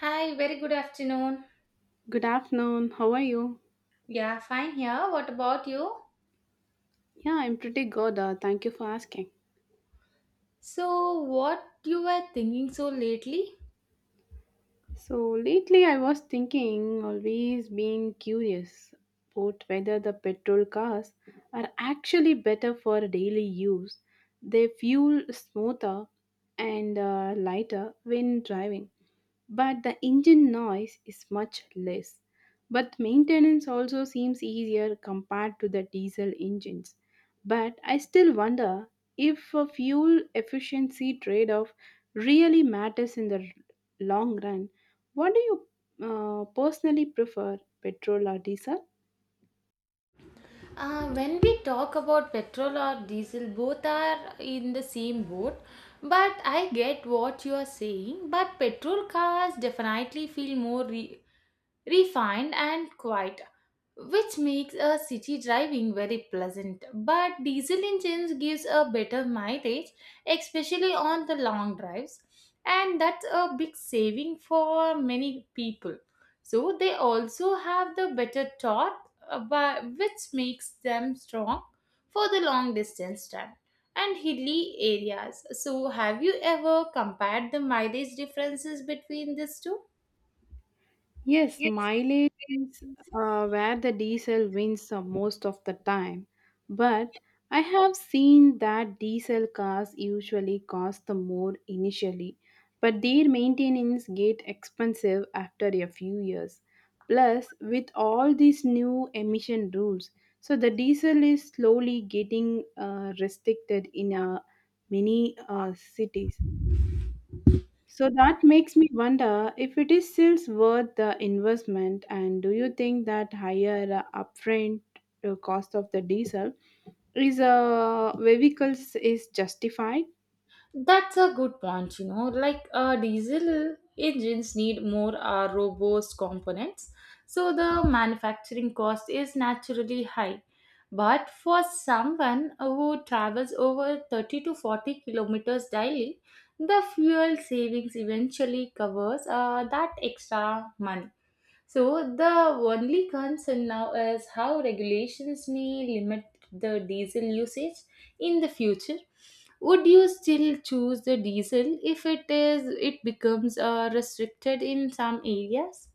Hi, very good afternoon. Good afternoon. How are you? Yeah, fine here. What about you? Yeah, I'm pretty good. Thank you for asking. So, what you were thinking so lately? So, lately I was thinking, always being curious about whether the petrol cars are actually better for daily use. They fuel smoother and lighter when driving, but the engine noise is much less. But maintenance also seems easier compared to the diesel engines. But I still wonder if a fuel efficiency trade off really matters in the long run. What do you personally prefer, petrol or diesel? When we talk about petrol or diesel, both are in the same boat. But I get what you are saying. But petrol cars definitely feel more refined and quiet, which makes a city driving very pleasant. But diesel engines gives a better mileage, especially on the long drives, and that's a big saving for many people. So they also have the better torque, which makes them strong for the long distance time and hilly areas. So have you ever compared the mileage differences between these two? Yes, Yes, mileage is where the diesel wins the most of the time. But I have seen that diesel cars usually cost the more initially, but their maintenance get expensive after a few years. Plus, with all these new emission rules, so the diesel is slowly getting restricted in many cities. So that makes me wonder if it is still worth the investment, and do you think that higher upfront cost of the diesel is a vehicles is justified? that's a good point, you know. Like diesel engines need more robust components, so the manufacturing cost is naturally high. But for someone who travels over 30 to 40 kilometers daily, the fuel savings eventually covers that extra money. So the only concern now is how regulations may limit the diesel usage in the future. Would you still choose the diesel if it becomes restricted in some areas?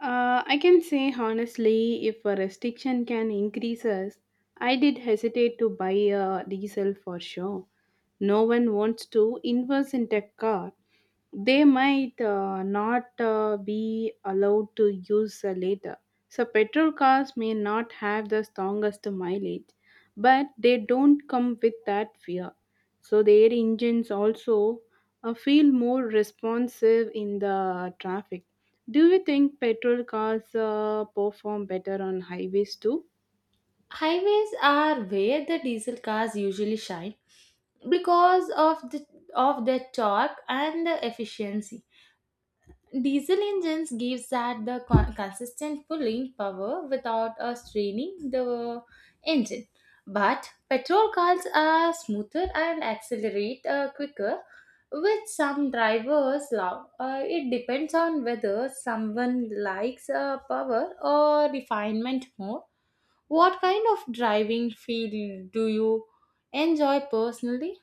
I can say honestly, if a restriction can increase us, I did hesitate to buy a diesel for sure. No one wants to invest in tech car. They might not be allowed to use later. So petrol cars may not have the strongest mileage, but they don't come with that fear, so their engines also feel more responsive in the traffic. Do you think petrol cars perform better on highways too? Highways are where the diesel cars usually shine because of their torque and the efficiency. Diesel engines gives that the consistent pulling power without straining the engine. But petrol cars are smoother and accelerate quicker, which some drivers love. It depends on whether someone likes power or refinement more. What kind of driving field do you enjoy personally?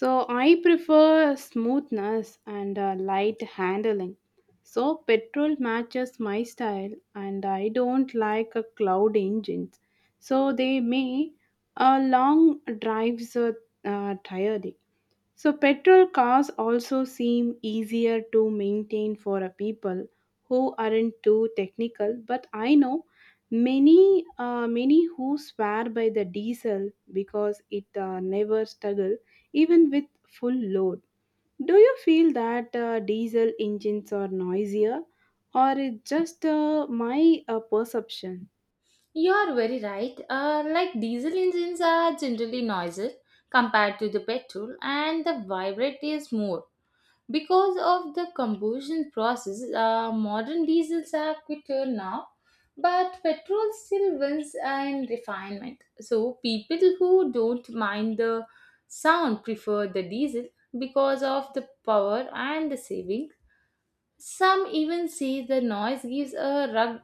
So I prefer smoothness and light handling, so petrol matches my style and I don't like a cloud engines, so they may long drives tiring. So, petrol cars also seem easier to maintain for a people who aren't too technical. But I know many who swear by the diesel because it never struggle even with full load. Do you feel that diesel engines are noisier, or it just my perception? You are very right. Like diesel engines are generally noisy compared to the petrol, and the vibrate is more. Because of the combustion process, modern diesels are quicker now, but petrol still wins in refinement. So, people who don't mind the sound prefer the diesel because of the power and the saving. Some even say the noise gives a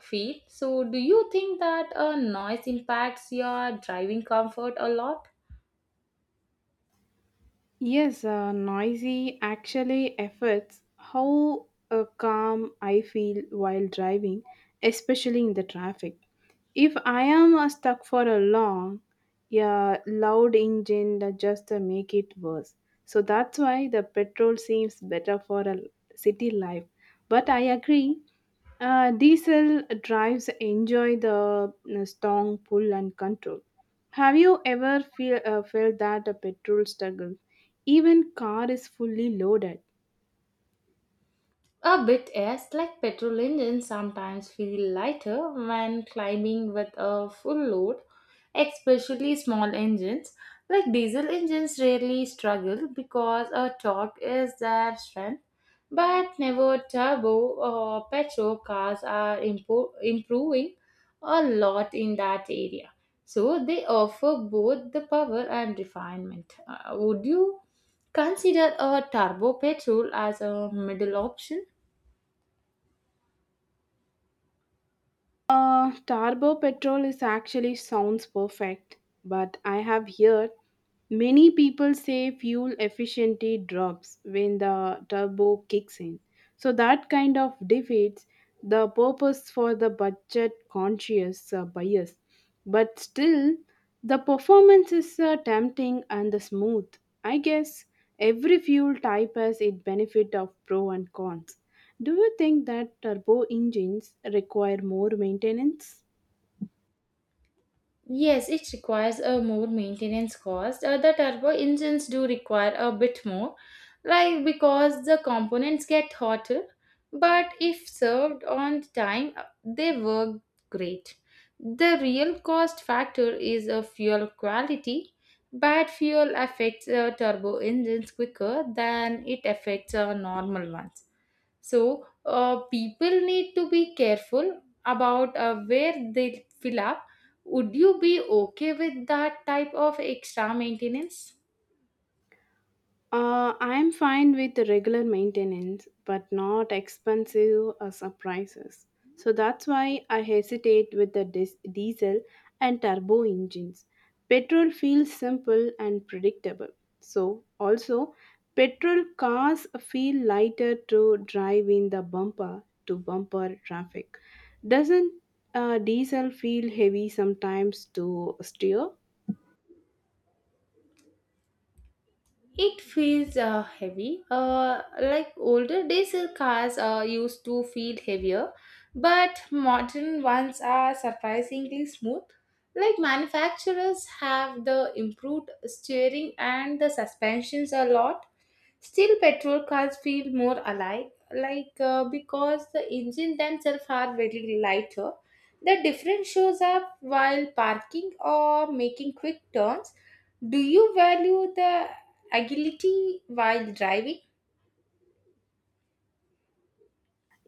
feel. So, do you think that noise impacts your driving comfort a lot? Yes, noisy actually affects how calm I feel while driving, especially in the traffic. If I am stuck for a long, yeah, loud engine that just make it worse. So that's why the petrol seems better for a city life. But I agree, diesel drives enjoy the strong pull and control. Have you ever felt that a petrol struggle? Even car is fully loaded. A bit yes, like petrol engines sometimes feel lighter when climbing with a full load, especially small engines. Like diesel engines rarely struggle because a torque is their strength, but never turbo or petrol cars are improving a lot in that area. So they offer both the power and refinement. Would you consider a turbo petrol as a middle option? Turbo petrol is actually sounds perfect, but I have heard many people say fuel efficiency drops when the turbo kicks in. So that kind of defeats the purpose for the budget conscious buyers. But still, the performance is tempting and the smooth. I guess every fuel type has its benefit of pro and cons. Do you think that turbo engines require more maintenance? Yes, it requires a more maintenance cost. The turbo engines do require a bit more, like because the components get hotter, but if served on time, they work great. The real cost factor is a fuel quality. Bad fuel affects turbo engines quicker than it affects normal ones. So, people need to be careful about where they fill up. Would you be okay with that type of extra maintenance? I'm fine with the regular maintenance, but not expensive surprises. So that's why I hesitate with the diesel and turbo engines. Petrol feels simple and predictable. So, also, petrol cars feel lighter to drive in the bumper to bumper traffic. Doesn't diesel feel heavy sometimes to steer? It feels heavy. Like older diesel cars used to feel heavier, but modern ones are surprisingly smooth. Like manufacturers have the improved steering and the suspensions a lot. Still, petrol cars feel more alike, because the engine themselves are very lighter. The difference shows up while parking or making quick turns. Do you value the agility while driving?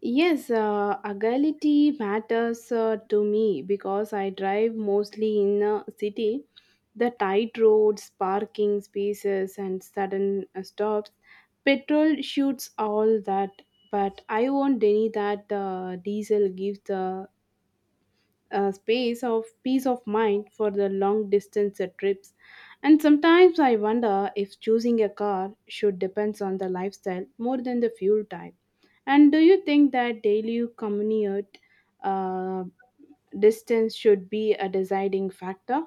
Yes, agility matters to me because I drive mostly in a city. The tight roads, parking spaces, and sudden stops. Petrol shoots all that, but I won't deny that diesel gives the a space of peace of mind for the long distance trips. And sometimes I wonder if choosing a car should depends on the lifestyle more than the fuel type. And do you think that daily commute uh, distance should be a deciding factor?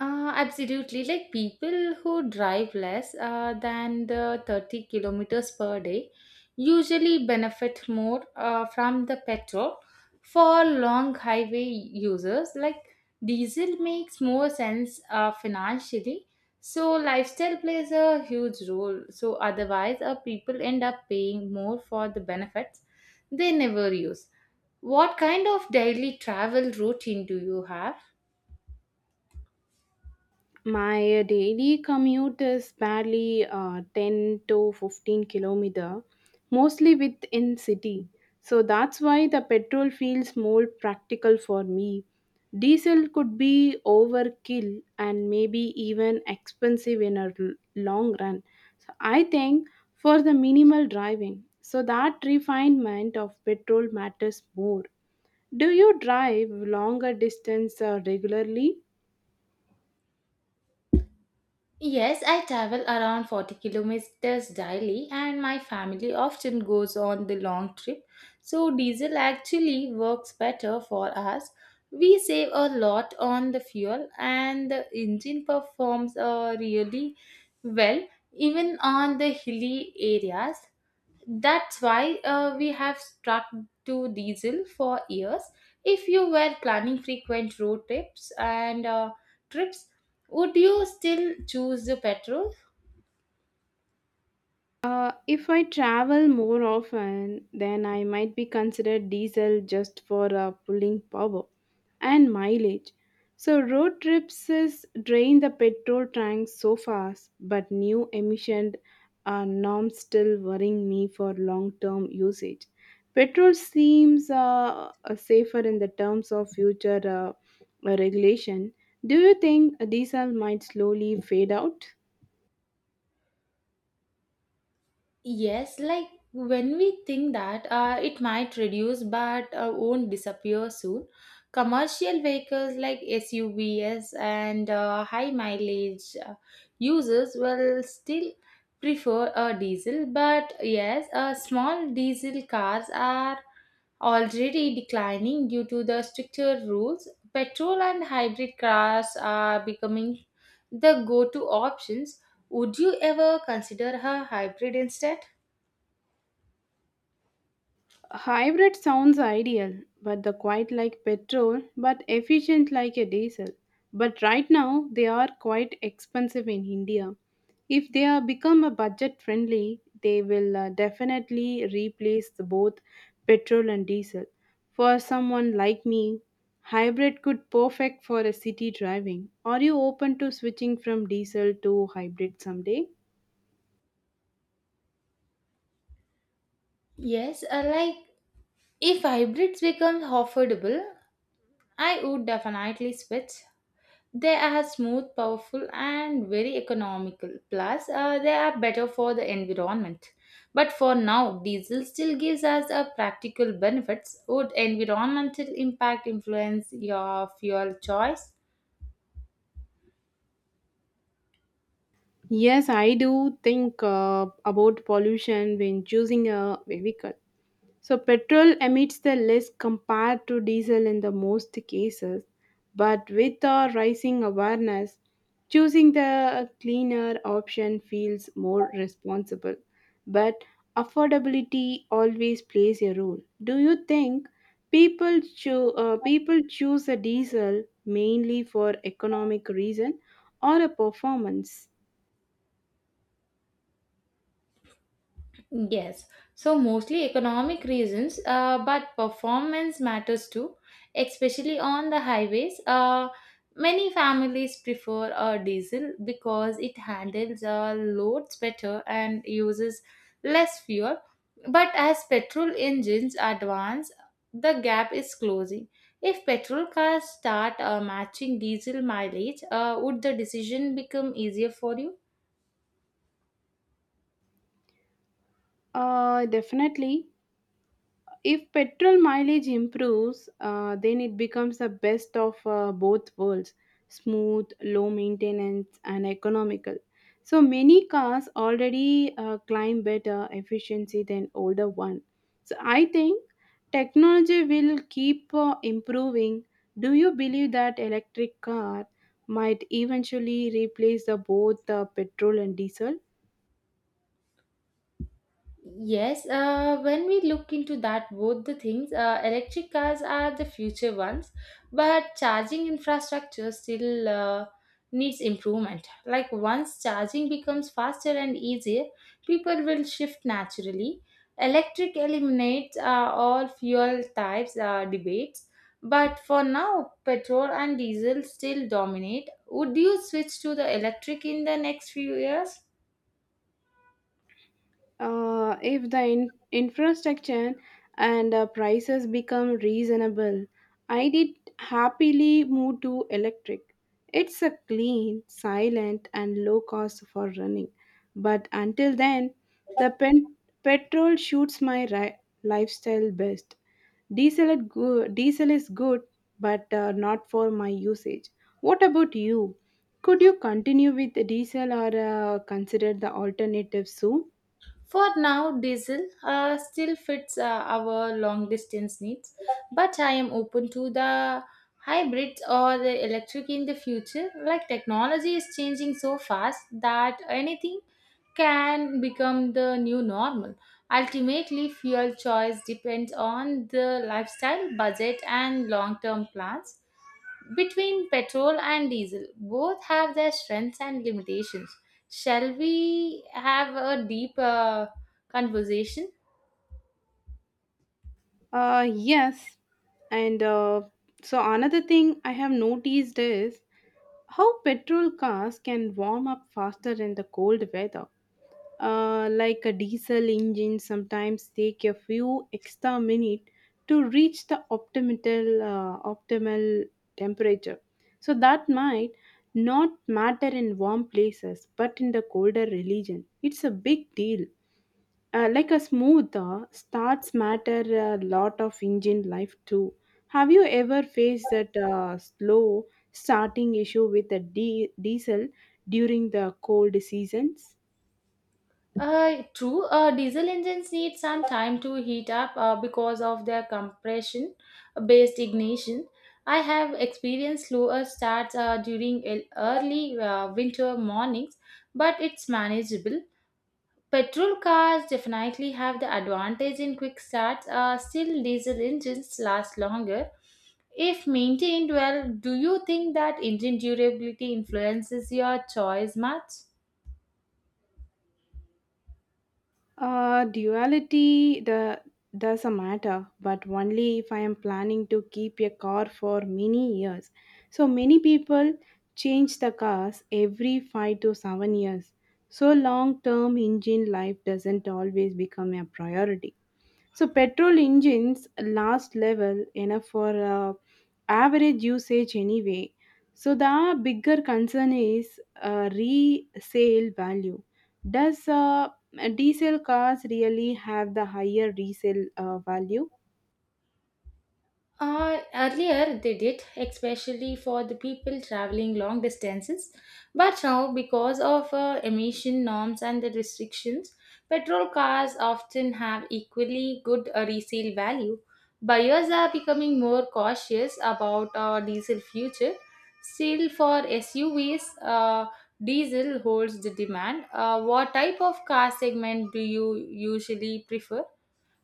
Absolutely. Like people who drive less than the 30 kilometers per day usually benefit more from the petrol. For long highway users, like diesel makes more sense financially. So lifestyle plays a huge role. So otherwise, people end up paying more for the benefits they never use. What kind of daily travel routine do you have? My daily commute is barely 10 to 15 kilometer, mostly within city. So that's why the petrol feels more practical for me. Diesel could be overkill and maybe even expensive in a long run. So I think for the minimal driving. So that refinement of petrol matters more. Do you drive longer distance regularly? Yes, I travel around 40 kilometers daily, and my family often goes on the long trip. So, diesel actually works better for us. We save a lot on the fuel, and the engine performs really well, even on the hilly areas. That's why we have stuck to diesel for years. If you were planning frequent road trips, would you still choose the petrol? If I travel more often, then I might be considered diesel just for pulling power and mileage. So road trips is drain the petrol tank so fast, but new emission norms still worrying me for long-term usage. Petrol seems safer in the terms of future regulation. Do you think diesel might slowly fade out? Yes, like when we think that it might reduce but won't disappear soon. Commercial vehicles like SUVs and high mileage users will still prefer a diesel, but yes, small diesel cars are already declining due to the stricter rules. Petrol and hybrid cars are becoming the go to options. Would you ever consider a hybrid instead? Hybrid sounds ideal, but the quite like petrol, but efficient like a diesel. But right now they are quite expensive in India. If they are become a budget friendly, they will definitely replace the both petrol and diesel. For someone like me, hybrid could perfect for a city driving. Are you open to switching from diesel to hybrid someday? Yes, like if hybrids become affordable, I would definitely switch. They are smooth, powerful, and very economical. Plus, they are better for the environment. But for now, diesel still gives us a practical benefits. Would environmental impact influence your fuel choice? Yes, I do think about pollution when choosing a vehicle. So, petrol emits the less compared to diesel in the most cases, but with the rising awareness, choosing the cleaner option feels more responsible. But affordability always plays a role. Do you think people choose a diesel mainly for economic reason or a performance? Yes, so mostly economic reasons, but performance matters too, especially on the highways. Many families prefer a diesel because it handles loads better and uses less fuel. But as petrol engines advance, the gap is closing. If petrol cars start matching diesel mileage, would the decision become easier for you? Definitely. If petrol mileage improves, then it becomes the best of both worlds smooth, low maintenance, and economical. So many cars already climb better efficiency than older one. So I think technology will keep improving. Do you believe that electric car might eventually replace the both petrol and diesel? Yes, when we look into that, both the things, electric cars are the future ones, but charging infrastructure still needs improvement. Like once charging becomes faster and easier, people will shift naturally. Electric eliminates all fuel types debates, but for now, petrol and diesel still dominate. Would you switch to the electric in the next few years? If the infrastructure and prices become reasonable, I did happily move to electric. It's a clean silent and low cost for running. But until then, the petrol shoots my lifestyle best. Diesel is good, but not for my usage. What about you? Could you continue with the diesel or consider the alternative soon? For now, diesel still fits our long distance needs, but I am open to the hybrids or the electric in the future. Like technology is changing so fast that anything can become the new normal. Ultimately, fuel choice depends on the lifestyle, budget, and long term plans. Between petrol and diesel, both have their strengths and limitations. Shall we have a deep conversation? Yes. And so another thing I have noticed is how petrol cars can warm up faster in the cold weather. Like a diesel engine sometimes take a few extra minutes to reach the optimal temperature. So that might not matter in warm places, but in the colder region, it's a big deal. Like a smooth starts matter a lot of engine life too. Have you ever faced that slow starting issue with the diesel during the cold seasons? True, diesel engines need some time to heat up because of their compression based ignition. I have experienced slower starts during early winter mornings, but it's manageable. Petrol cars definitely have the advantage in quick starts, still, diesel engines last longer. If maintained well, do you think that engine durability influences your choice much? Duality the does a matter, but only if I am planning to keep a car for many years. So many people change the cars every 5 to 7 years. So long term engine life doesn't always become a priority. So petrol engines last level enough for average usage anyway. So the bigger concern is resale value. Does diesel cars really have the higher resale value? Earlier they did, especially for the people traveling long distances. But now, because of emission norms and the restrictions, petrol cars often have equally good resale value. Buyers are becoming more cautious about diesel future. Still, for SUVs, diesel holds the demand. What type of car segment do you usually prefer?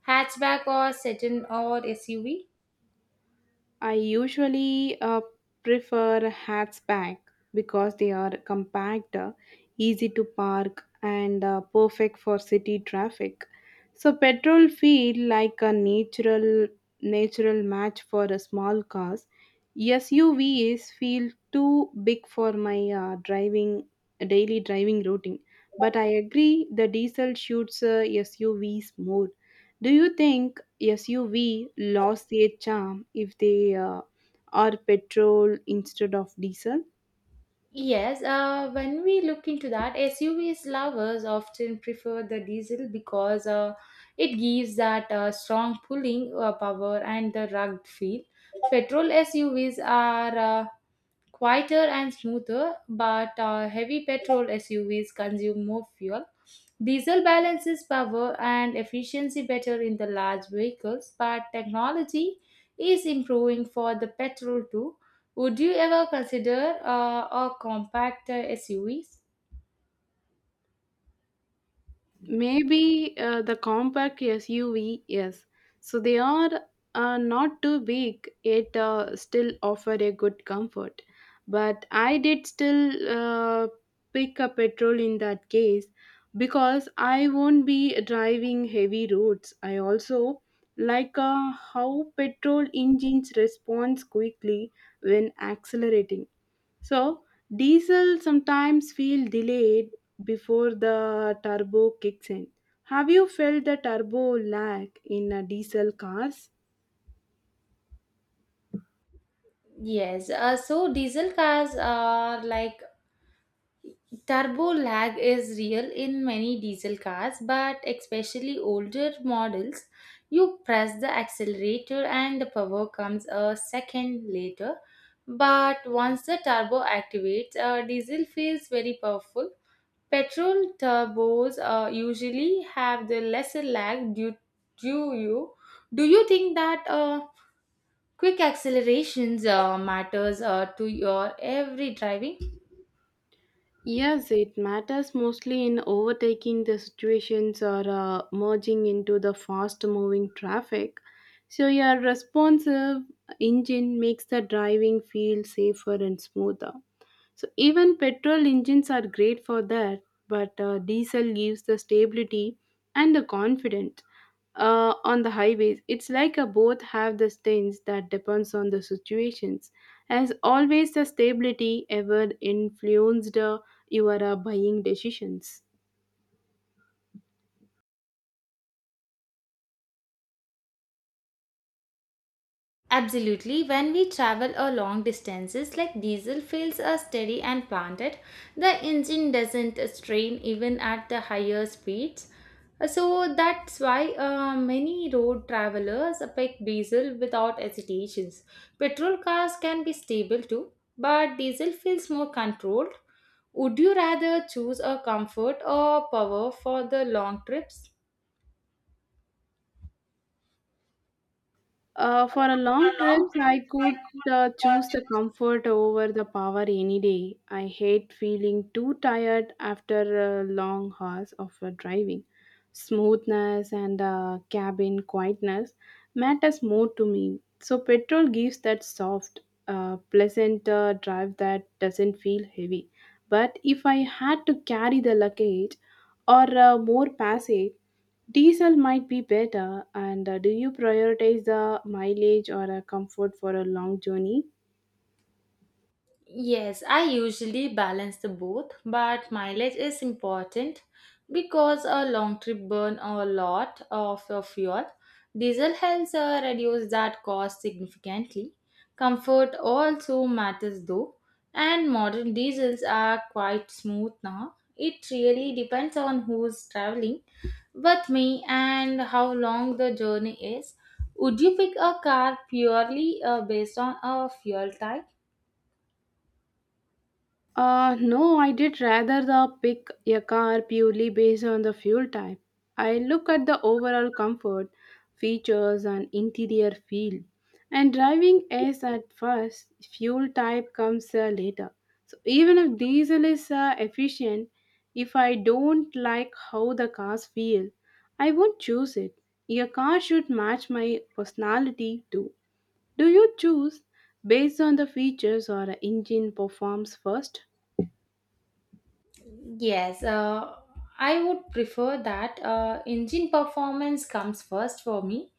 Hatchback or sedan or SUV? I usually prefer hatchback because they are compact, easy to park, and perfect for city traffic. So petrol feel like a natural match for a small cars. SUVs feel too big for my driving daily driving routine. But I agree the diesel shoots SUVs more. Do you think SUV lost their charm if they are petrol instead of diesel? Yes, when we look into that, SUVs lovers often prefer the diesel because it gives that strong pulling power and the rugged feel. Petrol SUVs are uh, quieter and smoother, but heavy petrol SUVs consume more fuel. Diesel balances power and efficiency better in the large vehicles, but technology is improving for the petrol too. Would you ever consider a compact SUVs? Maybe the compact SUV, yes. So they are not too big, yet still offer a good comfort. But I did still pick a petrol in that case because I won't be driving heavy roads. I also like how petrol engines respond quickly when accelerating. So diesel sometimes feel delayed before the turbo kicks in. Have you felt the turbo lag in diesel cars? Yes, so diesel cars are like turbo lag is real in many diesel cars, but especially older models. You press the accelerator and the power comes a second later. But once the turbo activates, diesel feels very powerful. Petrol turbos usually have the lesser lag due to you. Do you think that quick accelerations matters to your every driving? Yes, it matters mostly in overtaking the situations or merging into the fast moving traffic. So your responsive engine makes the driving feel safer and smoother. So even petrol engines are great for that, but diesel gives the stability and the confidence on the highways. It's like a both have the things that depends on the situations. As always, the stability ever influenced your buying decisions. Absolutely. When we travel a long distances, like diesel fuels are steady and planted, the engine doesn't strain even at the higher speeds. So that's why many road travelers pick diesel without hesitations. Petrol cars can be stable too, but diesel feels more controlled. Would you rather choose a comfort or power for the long trips? For a long trips, I could choose the comfort over the power any day. I hate feeling too tired after long hours of driving. Smoothness and cabin quietness matters more to me. So petrol gives that soft, pleasant drive that doesn't feel heavy. But if I had to carry the luggage or more passage, diesel might be better. And do you prioritize the mileage or a comfort for a long journey? Yes, I usually balance the both, but mileage is important because a long trip burn a lot of your fuel. Diesel helps reduce that cost significantly. Comfort also matters though, and modern diesels are quite smooth now. It really depends on who's traveling with me and how long the journey is. Would you pick a car purely based on a fuel type? No, I did rather the pick a car purely based on the fuel type. I look at the overall comfort, features, and interior feel. And driving is at first, fuel type comes later. So even if diesel is efficient, if I don't like how the cars feel, I won't choose it. Your car should match my personality too. Do you choose based on the features or engine performs first? Yes, I would prefer that engine performance comes first for me,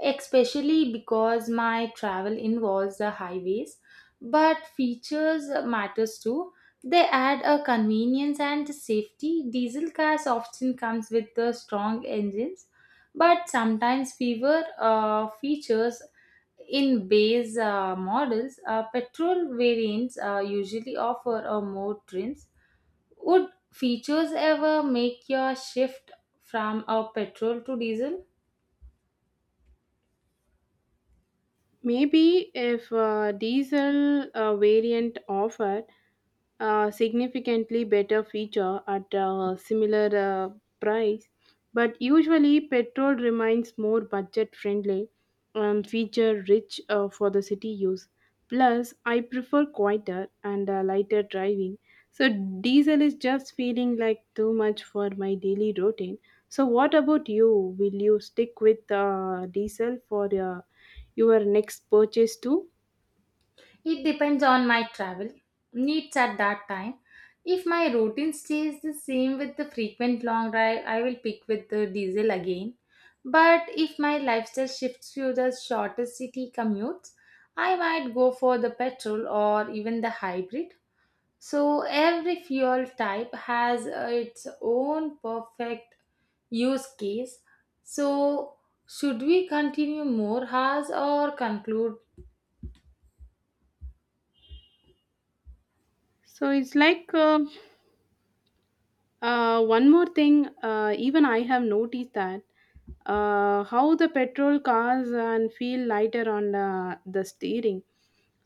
especially because my travel involves the highways. But features matters too. They add a convenience and safety. Diesel cars often comes with the strong engines, but sometimes fewer features in base models. Petrol variants usually offer a more trims. Would features ever make your shift from a petrol to diesel? Maybe if a diesel variant offered, significantly better feature at a similar price, but usually petrol remains more budget friendly and feature rich for the city use. Plus I prefer quieter and lighter driving, so diesel is just feeling like too much for my daily routine. So what about you? Will you stick with diesel for your next purchase too? It depends on my travel needs at that time. If my routine stays the same with the frequent long drive, I will pick with the diesel again. But if my lifestyle shifts to the shorter city commutes, I might go for the petrol or even the hybrid. So every fuel type has its own perfect use case. So, should we continue more hours or conclude? So it's one more thing, even I have noticed that how the petrol cars and feel lighter on the steering.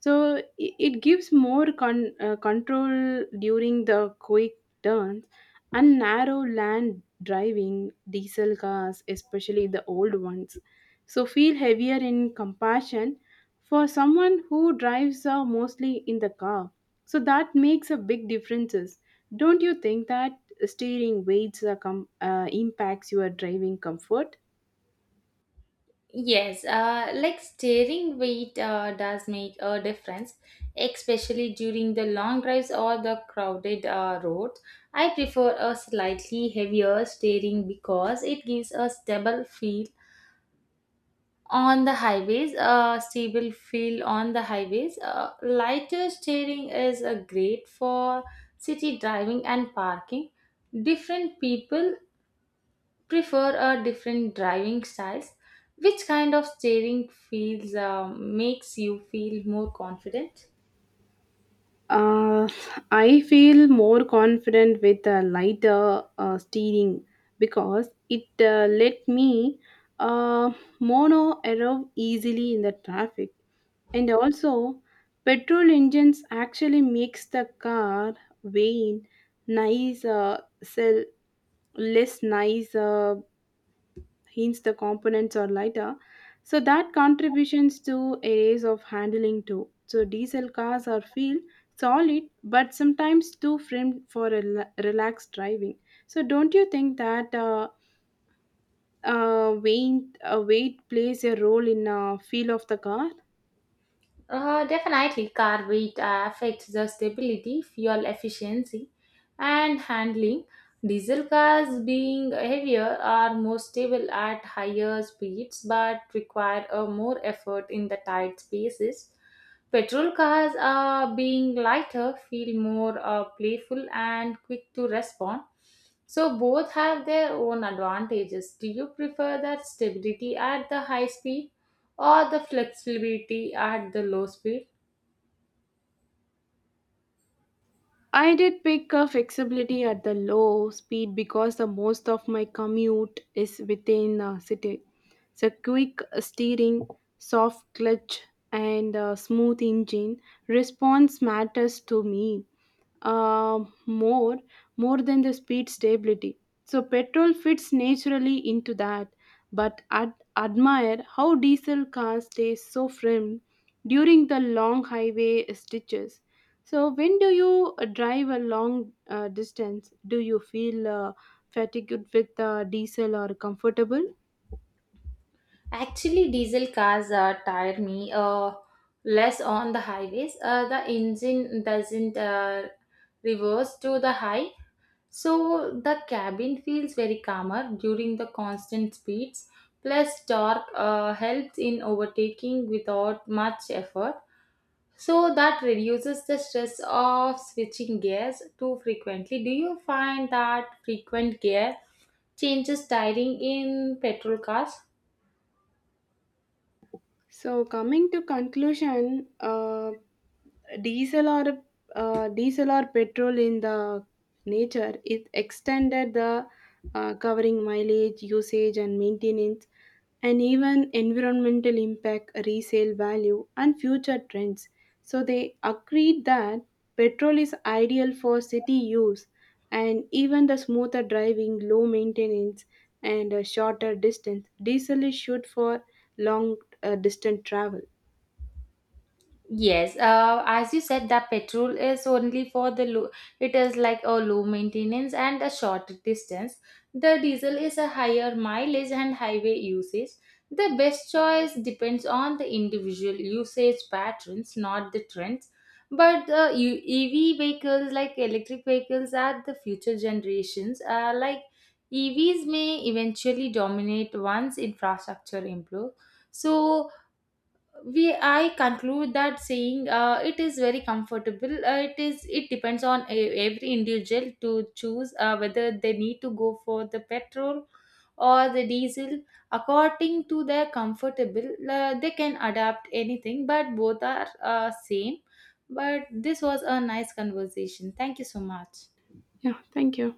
So it gives more control during the quick turns and narrow land driving diesel cars, especially the old ones. So feel heavier in comparison for someone who drives mostly in the car, so that makes a big differences. Don't you think that steering weights impacts your driving comfort? Yes, like steering weight does make a difference, especially during the long drives or the crowded roads. I prefer a slightly heavier steering because it gives a stable feel on the highways. Lighter steering is great for city driving and parking. Different people prefer different driving styles. Which kind of steering feels makes you feel more confident? uh, I feel more confident with a lighter steering because it let me uh, mono arrow easily in the traffic. And also, petrol engines actually makes the car vain, nice, sell less nice, hence the components are lighter. So that contributions to areas of handling too. So diesel cars are feel solid, but sometimes too framed for a relaxed driving. So don't you think that weight plays a role in feel of the car? Definitely, car weight affects the stability, fuel efficiency, and handling. Diesel cars, being heavier, are more stable at higher speeds but require a more effort in the tight spaces. Petrol cars, being lighter, feel more playful and quick to respond. So, both have their own advantages. Do you prefer that stability at the high speed, or the flexibility at the low speed? I did pick a flexibility at the low speed because the most of my commute is within the city. So quick steering, soft clutch, and a smooth engine response matters to me, um more more than the speed stability, so petrol fits naturally into that. But admire how diesel cars stay so firm during the long highway stretches. So when do you drive a long distance, do you feel fatigued with diesel or comfortable? Actually, diesel cars tire me less on the highways. The engine doesn't reverse to the high, so the cabin feels very calmer during the constant speeds. Plus, torque helps in overtaking without much effort, so that reduces the stress of switching gears too frequently. Do you find that frequent gear changes tiring in petrol cars? So coming to conclusion, diesel or diesel or petrol in the nature, it extended the covering mileage, usage, and maintenance, and even environmental impact, resale value, and future trends. So they agreed that petrol is ideal for city use and even the smoother driving, low maintenance, and a shorter distance. Diesel is shoot for long distance travel. Yes, as you said, the petrol is only for the low, it is like a low maintenance and a short distance. The diesel is a higher mileage and highway usage. The best choice depends on the individual usage patterns, not the trends. But EV vehicles, like electric vehicles, are the future generations. Like EVs may eventually dominate once infrastructure improves. So, we I conclude that saying it is it depends on a, every individual to choose whether they need to go for the petrol or the diesel according to their comfortable. They can adapt anything, but both are same. But this was a nice conversation, thank you so much. Yeah, thank you.